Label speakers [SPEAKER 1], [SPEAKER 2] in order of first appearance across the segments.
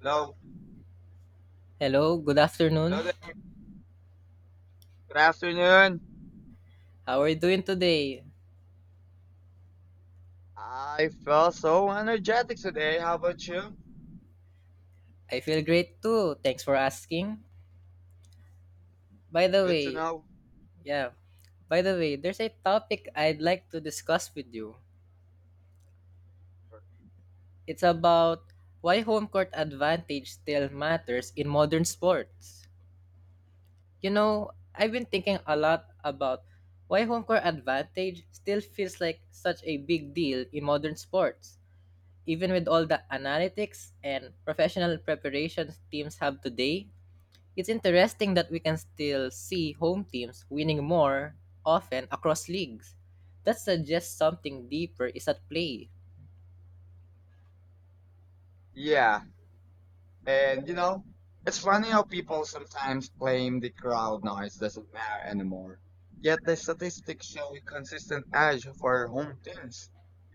[SPEAKER 1] Hello.
[SPEAKER 2] Hello, good afternoon.
[SPEAKER 1] Hello there. Good afternoon.
[SPEAKER 2] How are you doing today?
[SPEAKER 1] I felt so energetic today. How about you?
[SPEAKER 2] I feel great too. Thanks for asking. By the
[SPEAKER 1] Good to
[SPEAKER 2] way,
[SPEAKER 1] know.
[SPEAKER 2] yeah, by the way, there's a topic I'd like to discuss with you. It's about why home court advantage still matters in modern sports. You know, I've been thinking a lot about why home court advantage still feels like such a big deal in modern sports. Even with all the analytics and professional preparations teams have today, it's interesting that we can still see home teams winning more often across leagues. That suggests something deeper is at play.
[SPEAKER 1] Yeah. And you know, it's funny how people sometimes claim the crowd noise doesn't matter anymore. Yet the statistics show a consistent edge for home teams.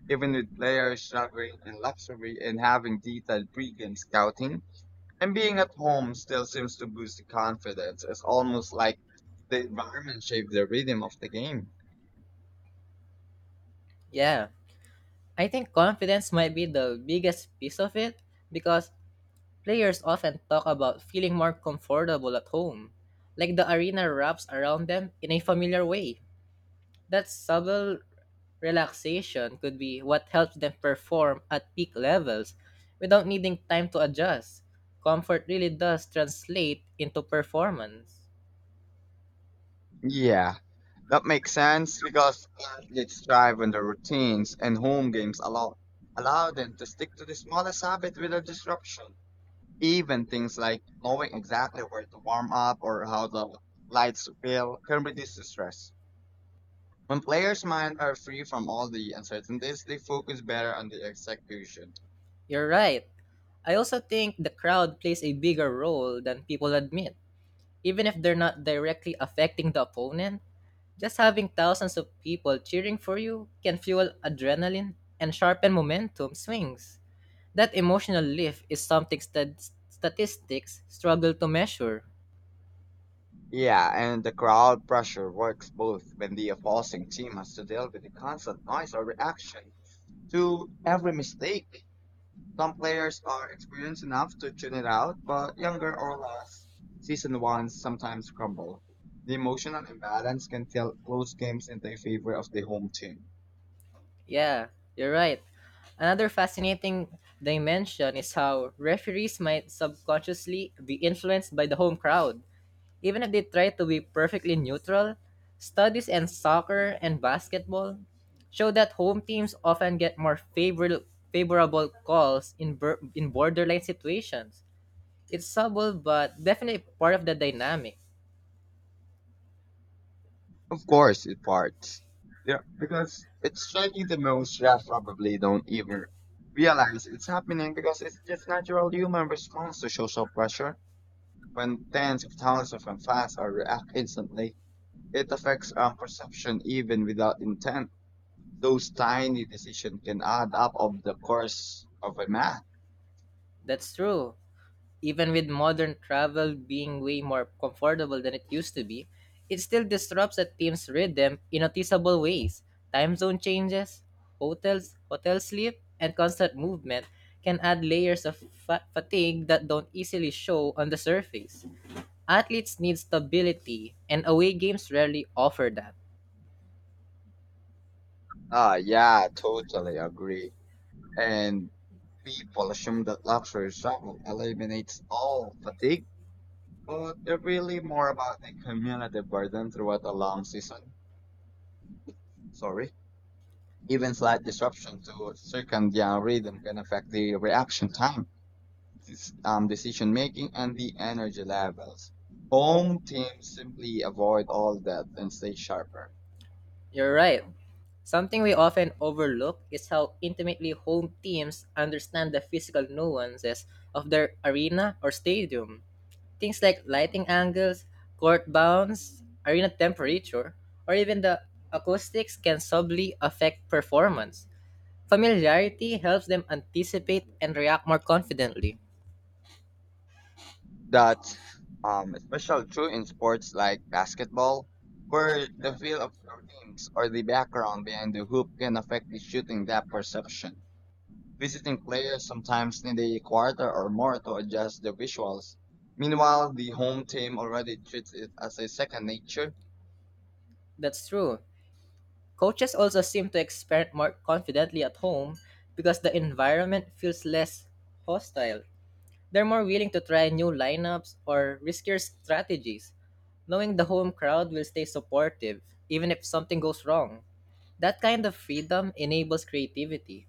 [SPEAKER 1] Even with players struggling in luxury and having detailed pregame scouting, and being at home still seems to boost the confidence. It's almost like the environment shaped the rhythm of the game.
[SPEAKER 2] Yeah. I think confidence might be the biggest piece of it because players often talk about feeling more comfortable at home, like the arena wraps around them in a familiar way. That subtle relaxation could be what helps them perform at peak levels without needing time to adjust. Comfort really does translate into performance.
[SPEAKER 1] Yeah, that makes sense because athletes thrive on their routines and home games allow them to stick to the smallest habit without disruption. Even things like knowing exactly where to warm up or how the lights feel can reduce the stress. When players' minds are free from all the uncertainties, they focus better on the execution.
[SPEAKER 2] You're right. I also think the crowd plays a bigger role than people admit. Even if they're not directly affecting the opponent, just having thousands of people cheering for you can fuel adrenaline and sharpen momentum swings. That emotional lift is something statistics struggle to measure.
[SPEAKER 1] Yeah, and the crowd pressure works both when the opposing team has to deal with the constant noise or reaction to every mistake. Some players are experienced enough to tune it out, but younger or less seasoned ones sometimes crumble. The emotional imbalance can tilt close games in the favor of the home team.
[SPEAKER 2] Yeah, you're right. Another fascinating dimension is how referees might subconsciously be influenced by the home crowd. Even if they try to be perfectly neutral, studies in soccer and basketball show that home teams often get more favorable calls in borderline situations. It's subtle but definitely part of the dynamic.
[SPEAKER 1] Of course, it parts. Yeah, because it's striking the most refs probably don't even realize it's happening because it's just natural human response to social pressure. When tens of thousands of fans are react instantly, it affects our perception even without intent. Those tiny decisions can add up of the course of a month.
[SPEAKER 2] That's true. Even with modern travel being way more comfortable than it used to be, it still disrupts a team's rhythm in noticeable ways. Time zone changes, hotel sleep, and constant movement can add layers of fatigue that don't easily show on the surface. Athletes need stability, and away games rarely offer that.
[SPEAKER 1] Ah, yeah, totally agree. And people assume that luxury travel eliminates all fatigue, but it's really more about the cumulative burden throughout a long season. Sorry. Even slight disruption to circadian rhythm can affect the reaction time, this, decision making, and the energy levels. Home teams simply avoid all that and stay sharper.
[SPEAKER 2] You're right. Something we often overlook is how intimately home teams understand the physical nuances of their arena or stadium. Things like lighting angles, court bounds, arena temperature, or even the acoustics can subtly affect performance. Familiarity helps them anticipate and react more confidently.
[SPEAKER 1] That's especially true in sports like basketball, where the feel of your teams or the background behind the hoop can affect the shooting depth perception. Visiting players sometimes need a quarter or more to adjust the visuals. Meanwhile, the home team already treats it as a second nature.
[SPEAKER 2] That's true. Coaches also seem to experiment more confidently at home because the environment feels less hostile. They're more willing to try new lineups or riskier strategies, knowing the home crowd will stay supportive even if something goes wrong. That kind of freedom enables creativity.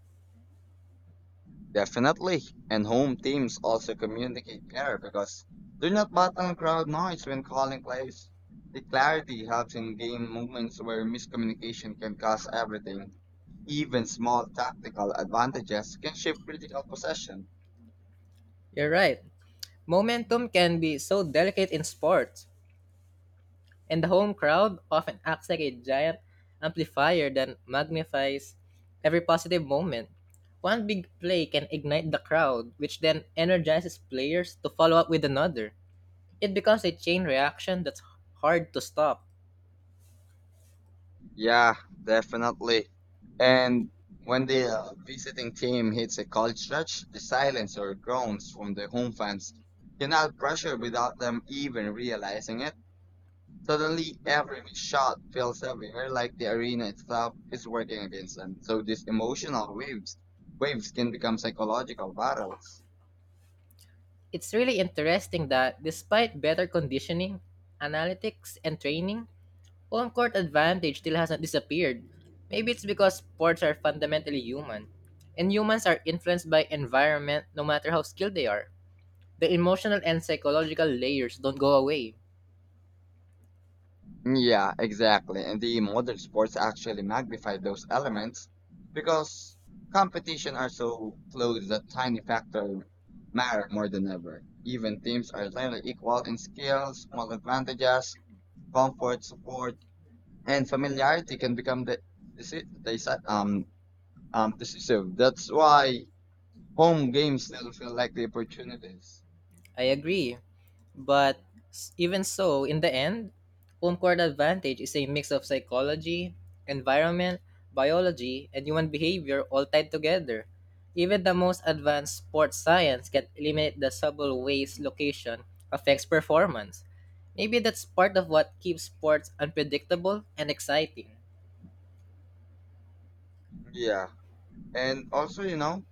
[SPEAKER 1] Definitely. And home teams also communicate better because they're not battling crowd noise when calling plays. The clarity helps in game moments where miscommunication can cause everything. Even small tactical advantages can shift critical possession.
[SPEAKER 2] You're right. Momentum can be so delicate in sports, and the home crowd often acts like a giant amplifier that magnifies every positive moment. One big play can ignite the crowd, which then energizes players to follow up with another. It becomes a chain reaction that's hard to stop.
[SPEAKER 1] Yeah, definitely. And when the visiting team hits a cold stretch, the silence or groans from the home fans can add pressure without them even realizing it. Suddenly, every shot feels heavier, like the arena itself is working against them. So these emotional waves can become psychological battles.
[SPEAKER 2] It's really interesting that despite better conditioning, analytics, and training, home court advantage still hasn't disappeared. Maybe it's because sports are fundamentally human, and humans are influenced by environment no matter how skilled they are. The emotional and psychological layers don't go away.
[SPEAKER 1] Yeah, exactly. And the modern sports actually magnify those elements because competition are so close that tiny factor matter more than ever. Even teams are nearly equal in skill, small advantages, comfort, support, and familiarity can become the, um, so that's why home games still feel like the opportunities.
[SPEAKER 2] I agree. But even so, in the end, home court advantage is a mix of psychology, environment, biology, and human behavior all tied together. Even the most advanced sports science can eliminate the subtle ways location affects performance. Maybe that's part of what keeps sports unpredictable and exciting.
[SPEAKER 1] Yeah, and also you know,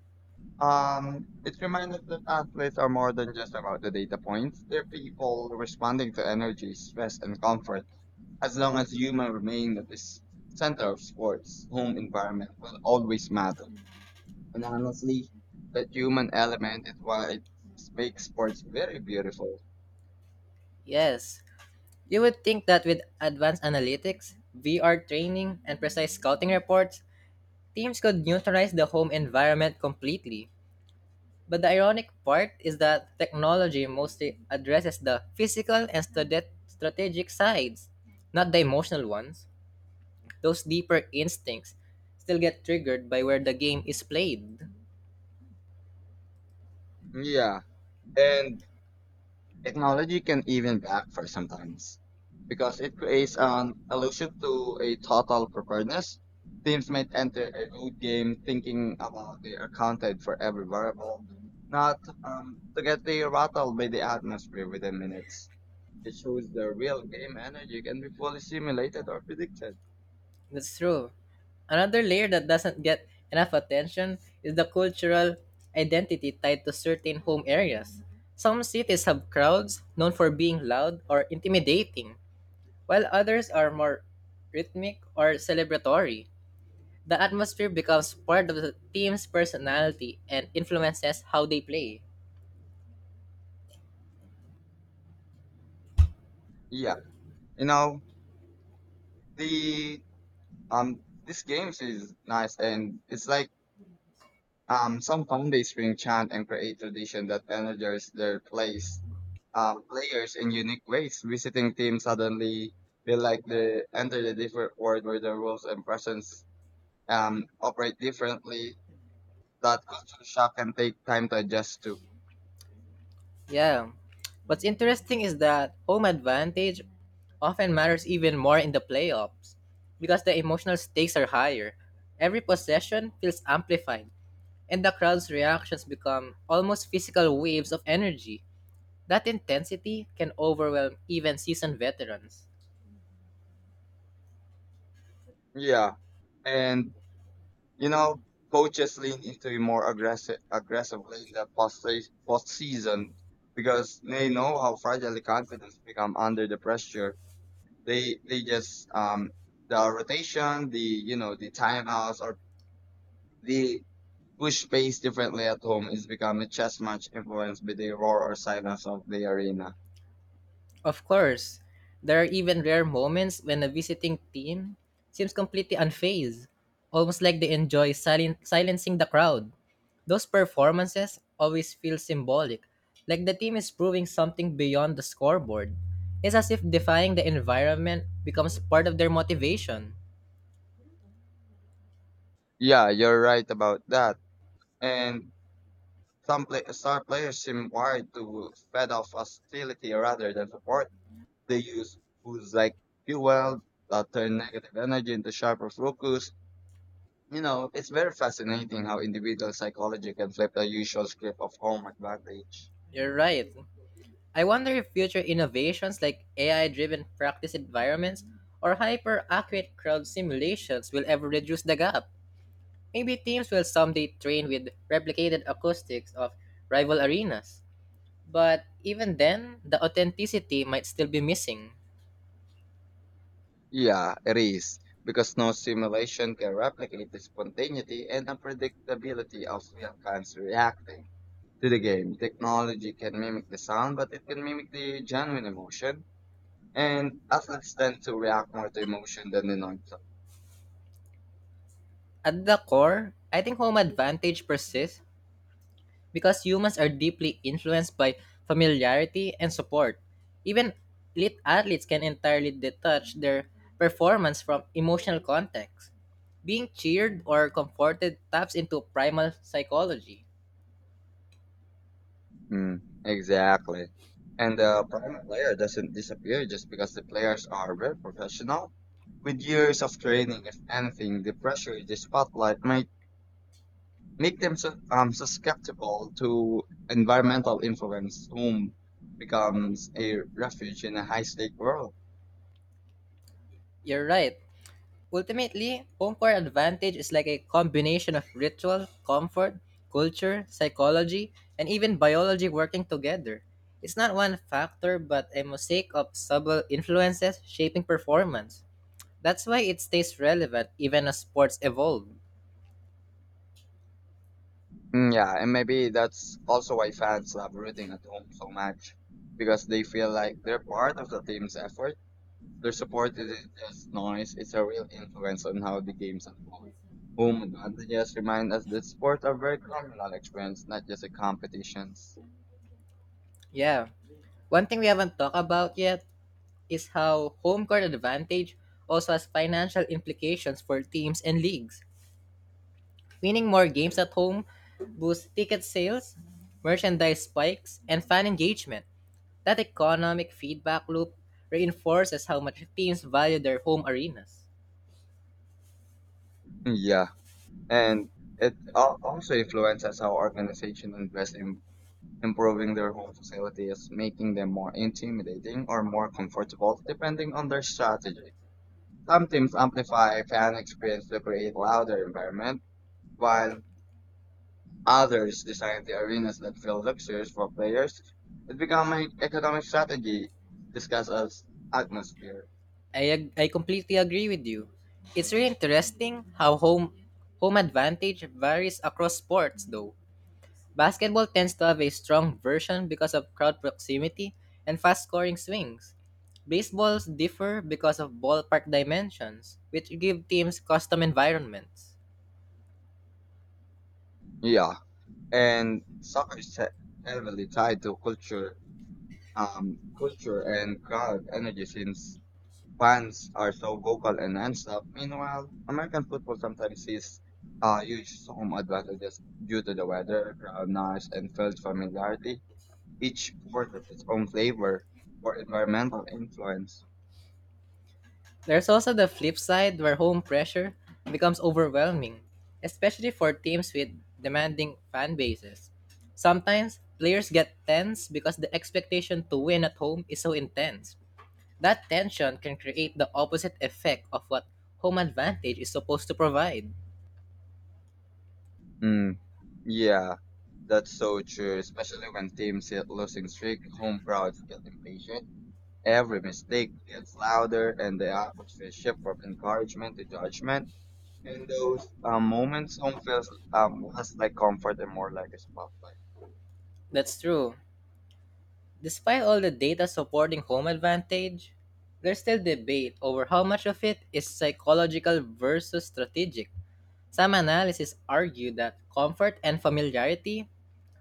[SPEAKER 1] it reminds us that athletes are more than just about the data points. They're people responding to energy, stress, and comfort. As long as human remain at this center of sports, home environment will always matter. And honestly, that human element is why it makes sports very beautiful.
[SPEAKER 2] Yes, you would think that with advanced analytics, VR training, and precise scouting reports, teams could neutralize the home environment completely. But the ironic part is that technology mostly addresses the physical and strategic sides, not the emotional ones. Those deeper instincts still get triggered by where the game is played.
[SPEAKER 1] Yeah, and technology can even backfire sometimes because it creates an illusion to a total preparedness. Teams might enter a road game thinking about they are accounted for every variable, not to get they rattled by the atmosphere within minutes. It shows the real game energy can be fully simulated or predicted.
[SPEAKER 2] That's true. Another layer that doesn't get enough attention is the cultural identity tied to certain home areas. Some cities have crowds known for being loud or intimidating, while others are more rhythmic or celebratory. The atmosphere becomes part of the team's personality and influences how they play.
[SPEAKER 1] Yeah, you know the these games is nice and it's like some found a string chant and create tradition that energize their plays, players in unique ways. Visiting teams suddenly feel like they enter a different world where the rules and presence operate differently. That culture shock can take time to adjust to.
[SPEAKER 2] Yeah. What's interesting is that home advantage often matters even more in the playoffs because the emotional stakes are higher. Every possession feels amplified, and the crowd's reactions become almost physical waves of energy. That intensity can overwhelm even seasoned veterans.
[SPEAKER 1] Yeah, and you know, coaches lean into it more aggressively in the post season because they know how fragile the confidence become under the pressure. They just the rotation, the you know the timeouts or the push pace differently at home is becoming just much influenced by the roar or silence of the arena.
[SPEAKER 2] Of course, there are even rare moments when a visiting team seems completely unfazed, almost like they enjoy silencing the crowd. Those performances always feel symbolic, like the team is proving something beyond the scoreboard. It's as if defying the environment becomes part of their motivation.
[SPEAKER 1] Yeah, you're right about that. And some star players seem wired to fed off hostility rather than support. They use who's like fuel that turn negative energy into sharper focus. You know, it's very fascinating how individual psychology can flip the usual script of home advantage.
[SPEAKER 2] You're right. I wonder if future innovations like AI driven practice environments or hyper accurate crowd simulations will ever reduce the gap. Maybe teams will someday train with replicated acoustics of rival arenas. But even then, the authenticity might still be missing.
[SPEAKER 1] Yeah, it is, because no simulation can replicate the spontaneity and unpredictability of real-times reacting to the game. Technology can mimic the sound, but it can mimic the genuine emotion, and athletes tend to react more to emotion than the noise.
[SPEAKER 2] At the core, I think home advantage persists because humans are deeply influenced by familiarity and support. Even elite athletes can entirely detach their performance from emotional context. Being cheered or comforted taps into primal psychology.
[SPEAKER 1] Mm, exactly. And the primary player doesn't disappear just because the players are very professional. With years of training, if anything, the pressure, the spotlight might make them susceptible to environmental influence, whom becomes a refuge in a high stake world.
[SPEAKER 2] You're right. Ultimately, home court advantage is like a combination of ritual, comfort, culture, psychology, and even biology working together. It's not one factor, but a mosaic of subtle influences shaping performance. That's why it stays relevant even as sports evolve.
[SPEAKER 1] Mm, yeah, and maybe that's also why fans love rooting at home so much because they feel like they're part of the team's effort. Their support isn't just noise, it's a real influence on how the games unfold. Home advantages remind us that sports are very communal experience, not just a competitions.
[SPEAKER 2] Yeah. One thing we haven't talked about yet is how home court advantage also has financial implications for teams and leagues. Winning more games at home boosts ticket sales, merchandise spikes, and fan engagement. That economic feedback loop reinforces how much teams value their home arenas.
[SPEAKER 1] Yeah, and it also influences how organizations invest in improving their home facilities, making them more intimidating or more comfortable depending on their strategy. Some teams amplify fan experience to create louder environment, while others design the arenas that feel luxurious for players. It becomes an economic strategy discussed as atmosphere.
[SPEAKER 2] I completely agree with you. It's really interesting how home advantage varies across sports though. Basketball tends to have a strong version because of crowd proximity and fast scoring swings. Baseballs differ because of ballpark dimensions, which give teams custom environments.
[SPEAKER 1] Yeah, and soccer is heavily tied to culture, culture and crowd energy since fans are so vocal and nonstop. Meanwhile, American football sometimes sees huge home advantages due to the weather, crowd noise, and field familiarity. Each sport has its own flavor or environmental influence.
[SPEAKER 2] There's also the flip side where home pressure becomes overwhelming, especially for teams with demanding fan bases. Sometimes players get tense because the expectation to win at home is so intense. That tension can create the opposite effect of what home advantage is supposed to provide.
[SPEAKER 1] Mm. Yeah, that's so true. Especially when teams hit losing streak, home crowds get impatient. Every mistake gets louder, and the atmosphere shifts from encouragement to judgment. And those moments home feels less like comfort and more like a spotlight.
[SPEAKER 2] That's true. Despite all the data supporting home advantage, there's still debate over how much of it is psychological versus strategic. Some analysis argue that comfort and familiarity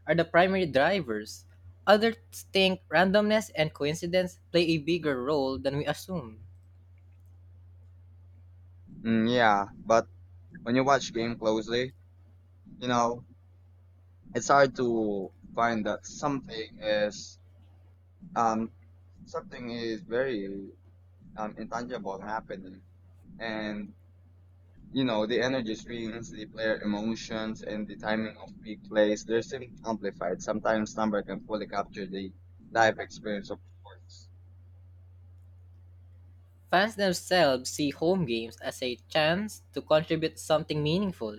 [SPEAKER 2] are the primary drivers. Others think randomness and coincidence play a bigger role than we assume.
[SPEAKER 1] Mm, yeah, but when you watch game closely, you know it's hard to find that um, something is very intangible happening, and you know the energy swings, the player emotions, and the timing of big plays. They're simply amplified. Sometimes number can fully capture the live experience of sports.
[SPEAKER 2] Fans themselves see home games as a chance to contribute something meaningful,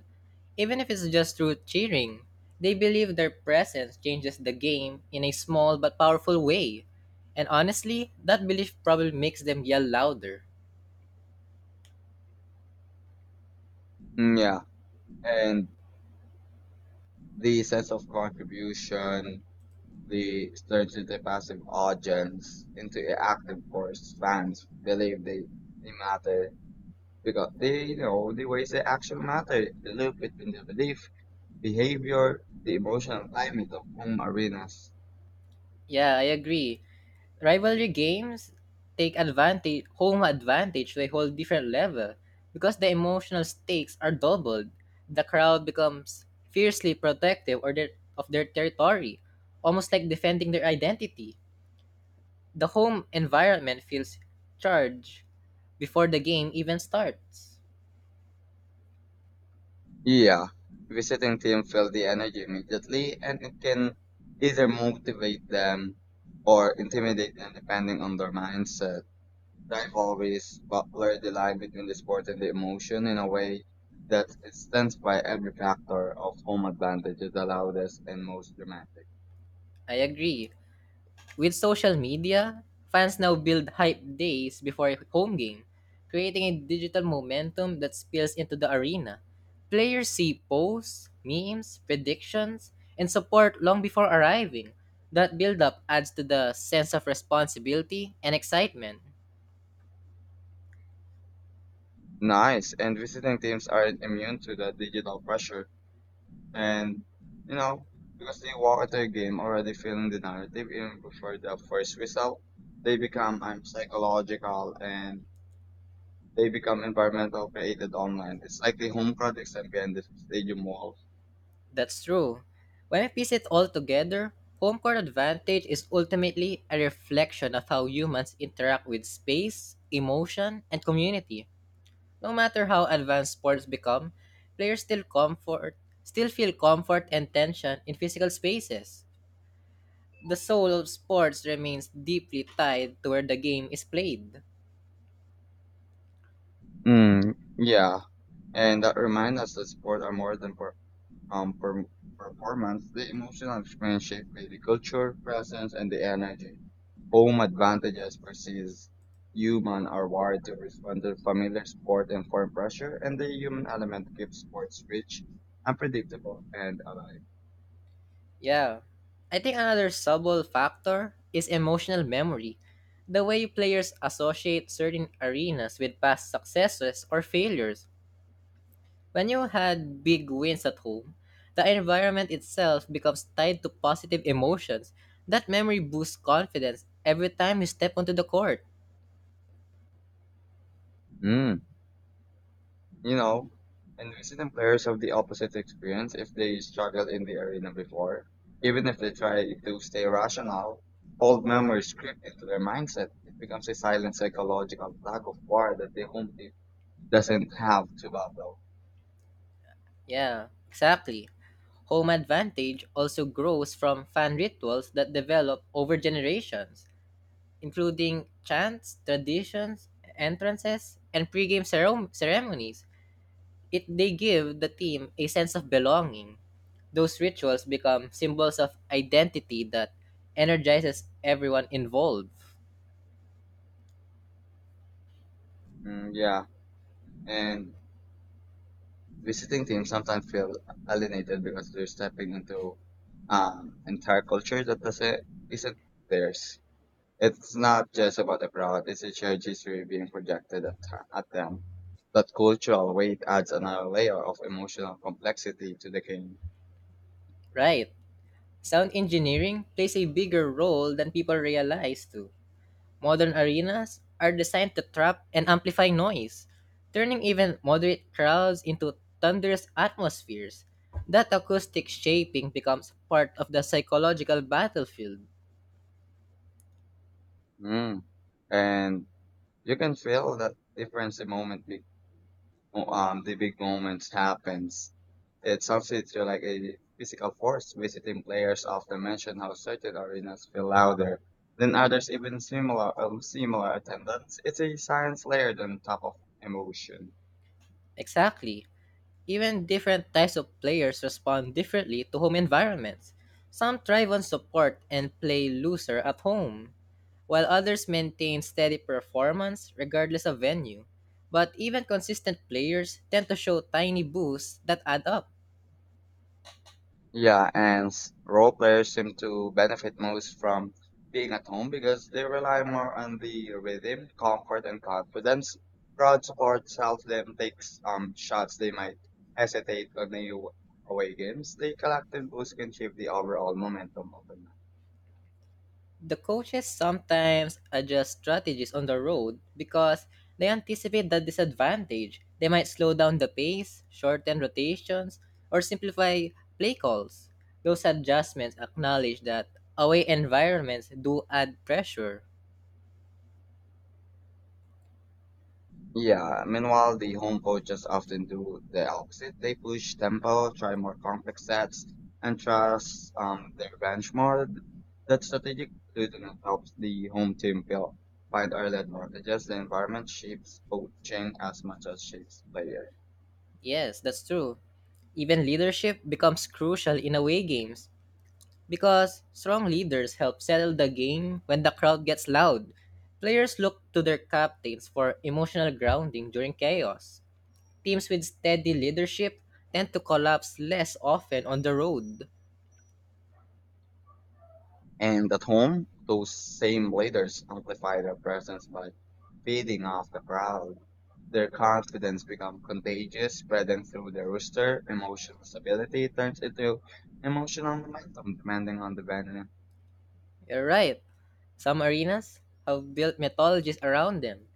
[SPEAKER 2] even if it's just through cheering. They believe their presence changes the game in a small but powerful way. And honestly, that belief probably makes them yell louder.
[SPEAKER 1] Mm, yeah, and the sense of contribution, the turns the passive audience, into an active force. Fans believe they matter because they you know the ways they actually matter. They look between the belief, behavior, the emotional climate of home arenas.
[SPEAKER 2] Yeah, I agree. Rivalry games take advantage home advantage to a whole different level because the emotional stakes are doubled, the crowd becomes fiercely protective of their territory, almost like defending their identity, the home environment feels charged before the game even starts.
[SPEAKER 1] Yeah, visiting team feel the energy immediately, and it can either motivate them or intimidate them depending on their mindset. I've always blurred the line between the sport and the emotion in a way that it stands by every factor of home advantage is the loudest and most dramatic.
[SPEAKER 2] I agree. With social media, fans now build hype days before home game, creating a digital momentum that spills into the arena. Players see posts, memes, predictions, and support long before arriving. That build-up adds to the sense of responsibility and excitement.
[SPEAKER 1] Nice. And visiting teams aren't immune to the digital pressure. And, you know, because they walk into a game already feeling the narrative even before the first whistle. They become psychological and they become environmental created online. It's like the home projects and behind the stadium walls.
[SPEAKER 2] That's true. When we piece it all together, home court advantage is ultimately a reflection of how humans interact with space, emotion, and community. No matter how advanced sports become, players still comfort still feel comfort and tension in physical spaces. The soul of sports remains deeply tied to where the game is played.
[SPEAKER 1] Mm, yeah. And that remind us that sport are more than um, per, performance. The emotional experience shaped by the culture, presence, and the energy. Home advantages versus human are wired to respond to familiar sport and foreign pressure, and the human element keeps sports rich, unpredictable, and alive.
[SPEAKER 2] Yeah. I think another subtle factor is emotional memory. The way players associate certain arenas with past successes or failures. When you had big wins at home, the environment itself becomes tied to positive emotions. That memory boosts confidence every time you step onto the court.
[SPEAKER 1] Hmm. You know, and I've seen players have the opposite experience if they struggle in the arena before. Even if they try to stay rational, old memories creep into their mindset. It becomes a silent psychological tug of war that the home team doesn't have to battle.
[SPEAKER 2] Yeah, exactly. Home advantage also grows from fan rituals that develop over generations, including chants, traditions, entrances, and pregame ceremonies. It they give the team a sense of belonging. Those rituals become symbols of identity that energizes everyone involved.
[SPEAKER 1] Mm, yeah, and visiting teams sometimes feel alienated because they're stepping into entire culture that doesn't isn't theirs. It's not just about the product, it's a shared history being projected at them. That cultural weight adds another layer of emotional complexity to the game.
[SPEAKER 2] Right. Sound engineering plays a bigger role than people realize too. Modern arenas are designed to trap and amplify noise, turning even moderate crowds into thunderous atmospheres. That acoustic shaping becomes part of the psychological battlefield.
[SPEAKER 1] Mm. And you can feel that difference the moment the big moments happens. It substitutes to like a physical force. Visiting players often mention how certain arenas feel louder than others, even similar attendance. It's a science layered on top of emotion.
[SPEAKER 2] Exactly. Even different types of players respond differently to home environments. Some thrive on support and play looser at home, while others maintain steady performance regardless of venue. But even consistent players tend to show tiny boosts that add up.
[SPEAKER 1] Yeah, and role players seem to benefit most from being at home because they rely more on the rhythm, comfort, and confidence. Crowd support helps them take shots they might hesitate on the away games. The collective boost can shape the overall momentum of the.
[SPEAKER 2] The coaches sometimes adjust strategies on the road because they anticipate the disadvantage. They might slow down the pace, shorten rotations, or simplify play calls. Those adjustments acknowledge that away environments do add pressure.
[SPEAKER 1] Yeah, meanwhile, the home coaches often do the opposite. They push tempo, try more complex sets, and trust their bench more. That strategic loosening helps the home team feel find early advantages. The environment shapes coaching as much as shapes players.
[SPEAKER 2] Yes, that's true. Even leadership becomes crucial in away games because strong leaders help settle the game when the crowd gets loud. Players look to their captains for emotional grounding during chaos. Teams with steady leadership tend to collapse less often on the road.
[SPEAKER 1] And at home, those same leaders amplify their presence by feeding off the crowd. Their confidence becomes contagious, spreading through the rooster. Emotional stability turns into emotional momentum, depending on the venue.
[SPEAKER 2] You're right. Some arenas have built mythologies around them,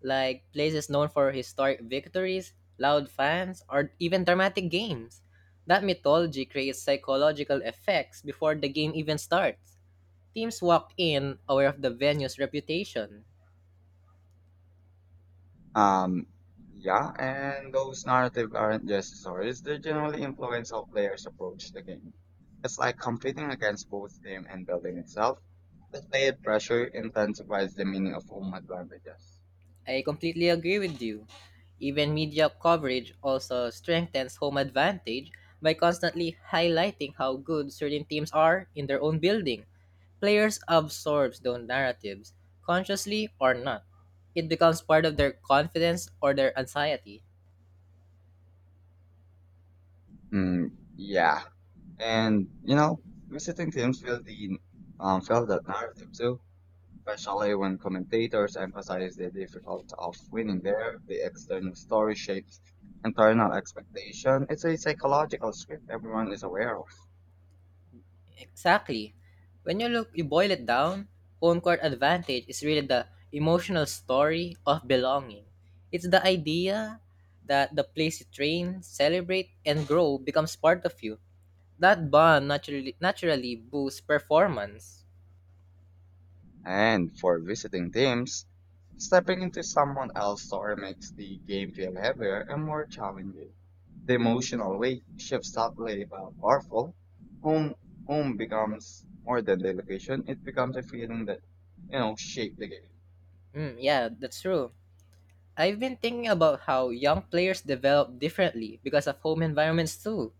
[SPEAKER 2] like places known for historic victories, loud fans, or even dramatic games. That mythology creates psychological effects before the game even starts. Teams walk in aware of the venue's reputation.
[SPEAKER 1] Um, yeah, and those narratives aren't just stories; they generally influence how players approach the game. It's like competing against both team and building itself. The layered pressure intensifies the meaning of home advantages.
[SPEAKER 2] I completely agree with you. Even media coverage also strengthens home advantage by constantly highlighting how good certain teams are in their own building. Players absorb those narratives, consciously or not. It becomes part of their confidence or their anxiety.
[SPEAKER 1] Mm, yeah. And you know, visiting teams feel the felt that narrative too, especially when commentators emphasize the difficulty of winning there, the external story shapes internal expectation. It's a psychological script everyone is aware of.
[SPEAKER 2] Exactly. When you look, you boil it down, home court advantage is really the emotional story of belonging. It's the idea that the place you train, celebrate, and grow becomes part of you. That bond naturally boosts performance.
[SPEAKER 1] And for visiting teams, stepping into someone else's story makes the game feel heavier and more challenging. The emotional weight shifts subtly but powerful. Home home becomes more than the location; it becomes a feeling that you know shape the game.
[SPEAKER 2] Mm, yeah, that's true. I've been thinking about how young players develop differently because of home environments too.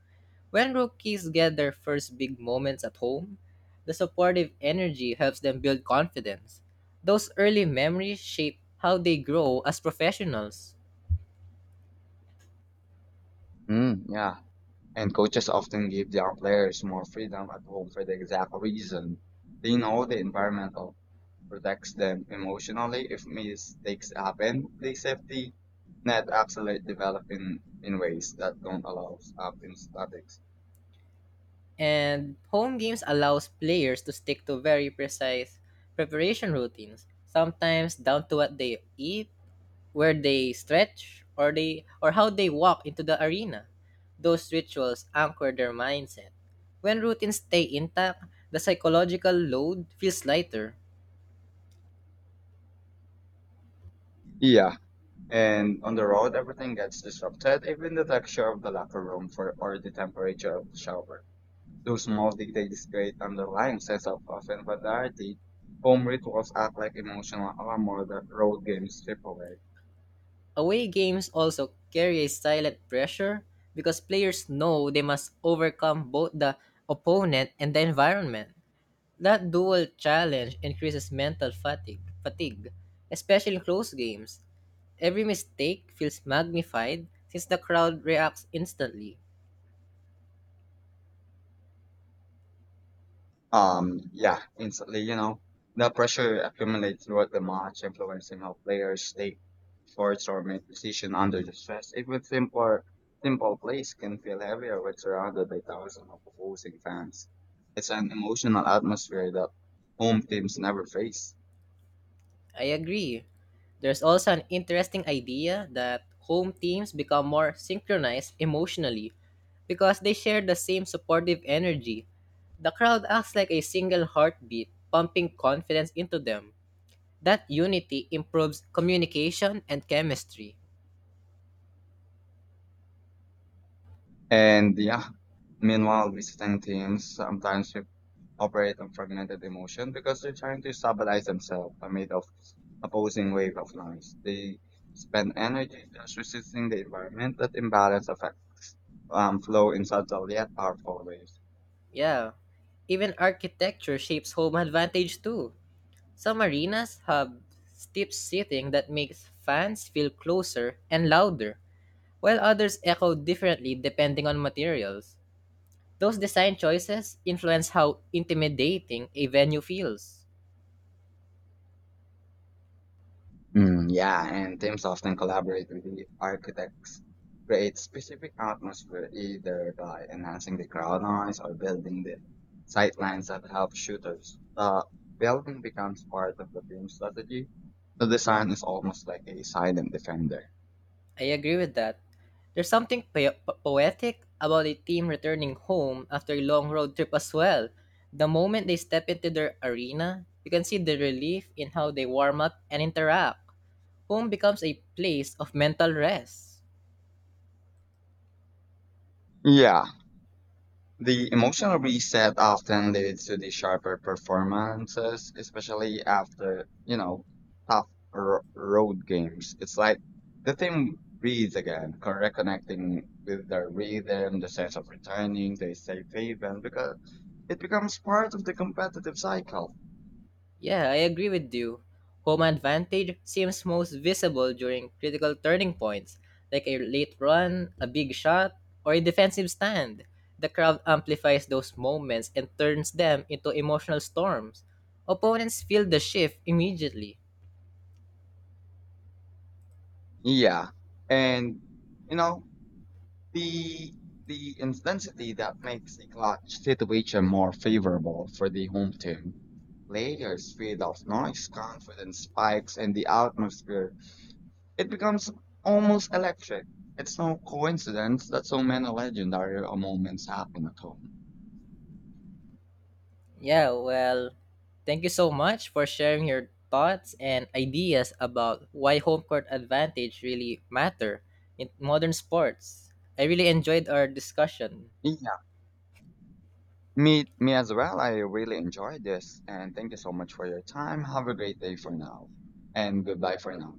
[SPEAKER 2] When rookies get their first big moments at home, the supportive energy helps them build confidence. Those early memories shape how they grow as professionals.
[SPEAKER 1] Mm, yeah, and coaches often give their players more freedom at home for the exact reason. They know the environmental protects them emotionally. If mistakes happen, the safety net absolutely develop in ways that don't allow up in statics.
[SPEAKER 2] And home games allows players to stick to very precise preparation routines, sometimes down to what they eat, where they stretch, or how they walk into the arena. Those rituals anchor their mindset. When routines stay intact, the psychological load feels lighter.
[SPEAKER 1] Yeah, and on the road, everything gets disrupted, even the texture of the locker room for, or the temperature of the shower. Those small details create underlying sense of familiarity. Home rituals act like emotional armor that road games strip away.
[SPEAKER 2] Away games also carry a silent pressure because players know they must overcome both the opponent and the environment. That dual challenge increases mental fatigue, especially in close games. Every mistake feels magnified since the crowd reacts instantly.
[SPEAKER 1] Yeah, instantly, you know, the pressure accumulates throughout the match, influencing how players take shots or make decisions under the stress. Simple plays can feel heavier when surrounded by thousands of opposing fans. It's an emotional atmosphere that home teams never face.
[SPEAKER 2] I agree. There's also an interesting idea that home teams become more synchronized emotionally because they share the same supportive energy. The crowd acts like a single heartbeat, pumping confidence into them. That unity improves communication and chemistry.
[SPEAKER 1] And yeah, meanwhile, visiting teams sometimes operate on fragmented emotion because they're trying to stabilize themselves amid of opposing wave of noise. They spend energy just resisting the environment that imbalance affects flow in subtle yet powerful ways.
[SPEAKER 2] Yeah. Even architecture shapes home advantage too. Some arenas have steep seating that makes fans feel closer and louder, while others echoed differently depending on materials. Those design choices influence how intimidating a venue feels.
[SPEAKER 1] Mm, yeah, and teams often collaborate with the architects, create specific atmosphere either by enhancing the crowd noise or building the sightlines that help shooters. The building becomes part of the team strategy. The design is almost like a silent defender.
[SPEAKER 2] I agree with that. There's something poetic about a team returning home after a long road trip as well. The moment they step into their arena, you can see the relief in how they warm up and interact. Home becomes a place of mental rest.
[SPEAKER 1] Yeah, the emotional reset often leads to the sharper performances, especially after, you know, tough road games. It's like the team breathes again, reconnecting with their rhythm, the sense of returning to a safe haven, because it becomes part of the competitive cycle.
[SPEAKER 2] Yeah, I agree with you. Home advantage seems most visible during critical turning points, like a late run, a big shot, or a defensive stand. The crowd amplifies those moments and turns them into emotional storms. Opponents feel the shift immediately.
[SPEAKER 1] Yeah. And, you know, The the intensity that makes the clutch situation more favorable for the home team. Players feed off noise, confidence spikes, and the atmosphere. It becomes almost electric. It's no coincidence that so many legendary moments happen at home.
[SPEAKER 2] Yeah, well, thank you so much for sharing your thoughts and ideas about why home court advantage really matter in modern sports. I really enjoyed our discussion.
[SPEAKER 1] Yeah, me as well. I really enjoyed this, and thank you so much for your time. Have a great day for now, and goodbye for now.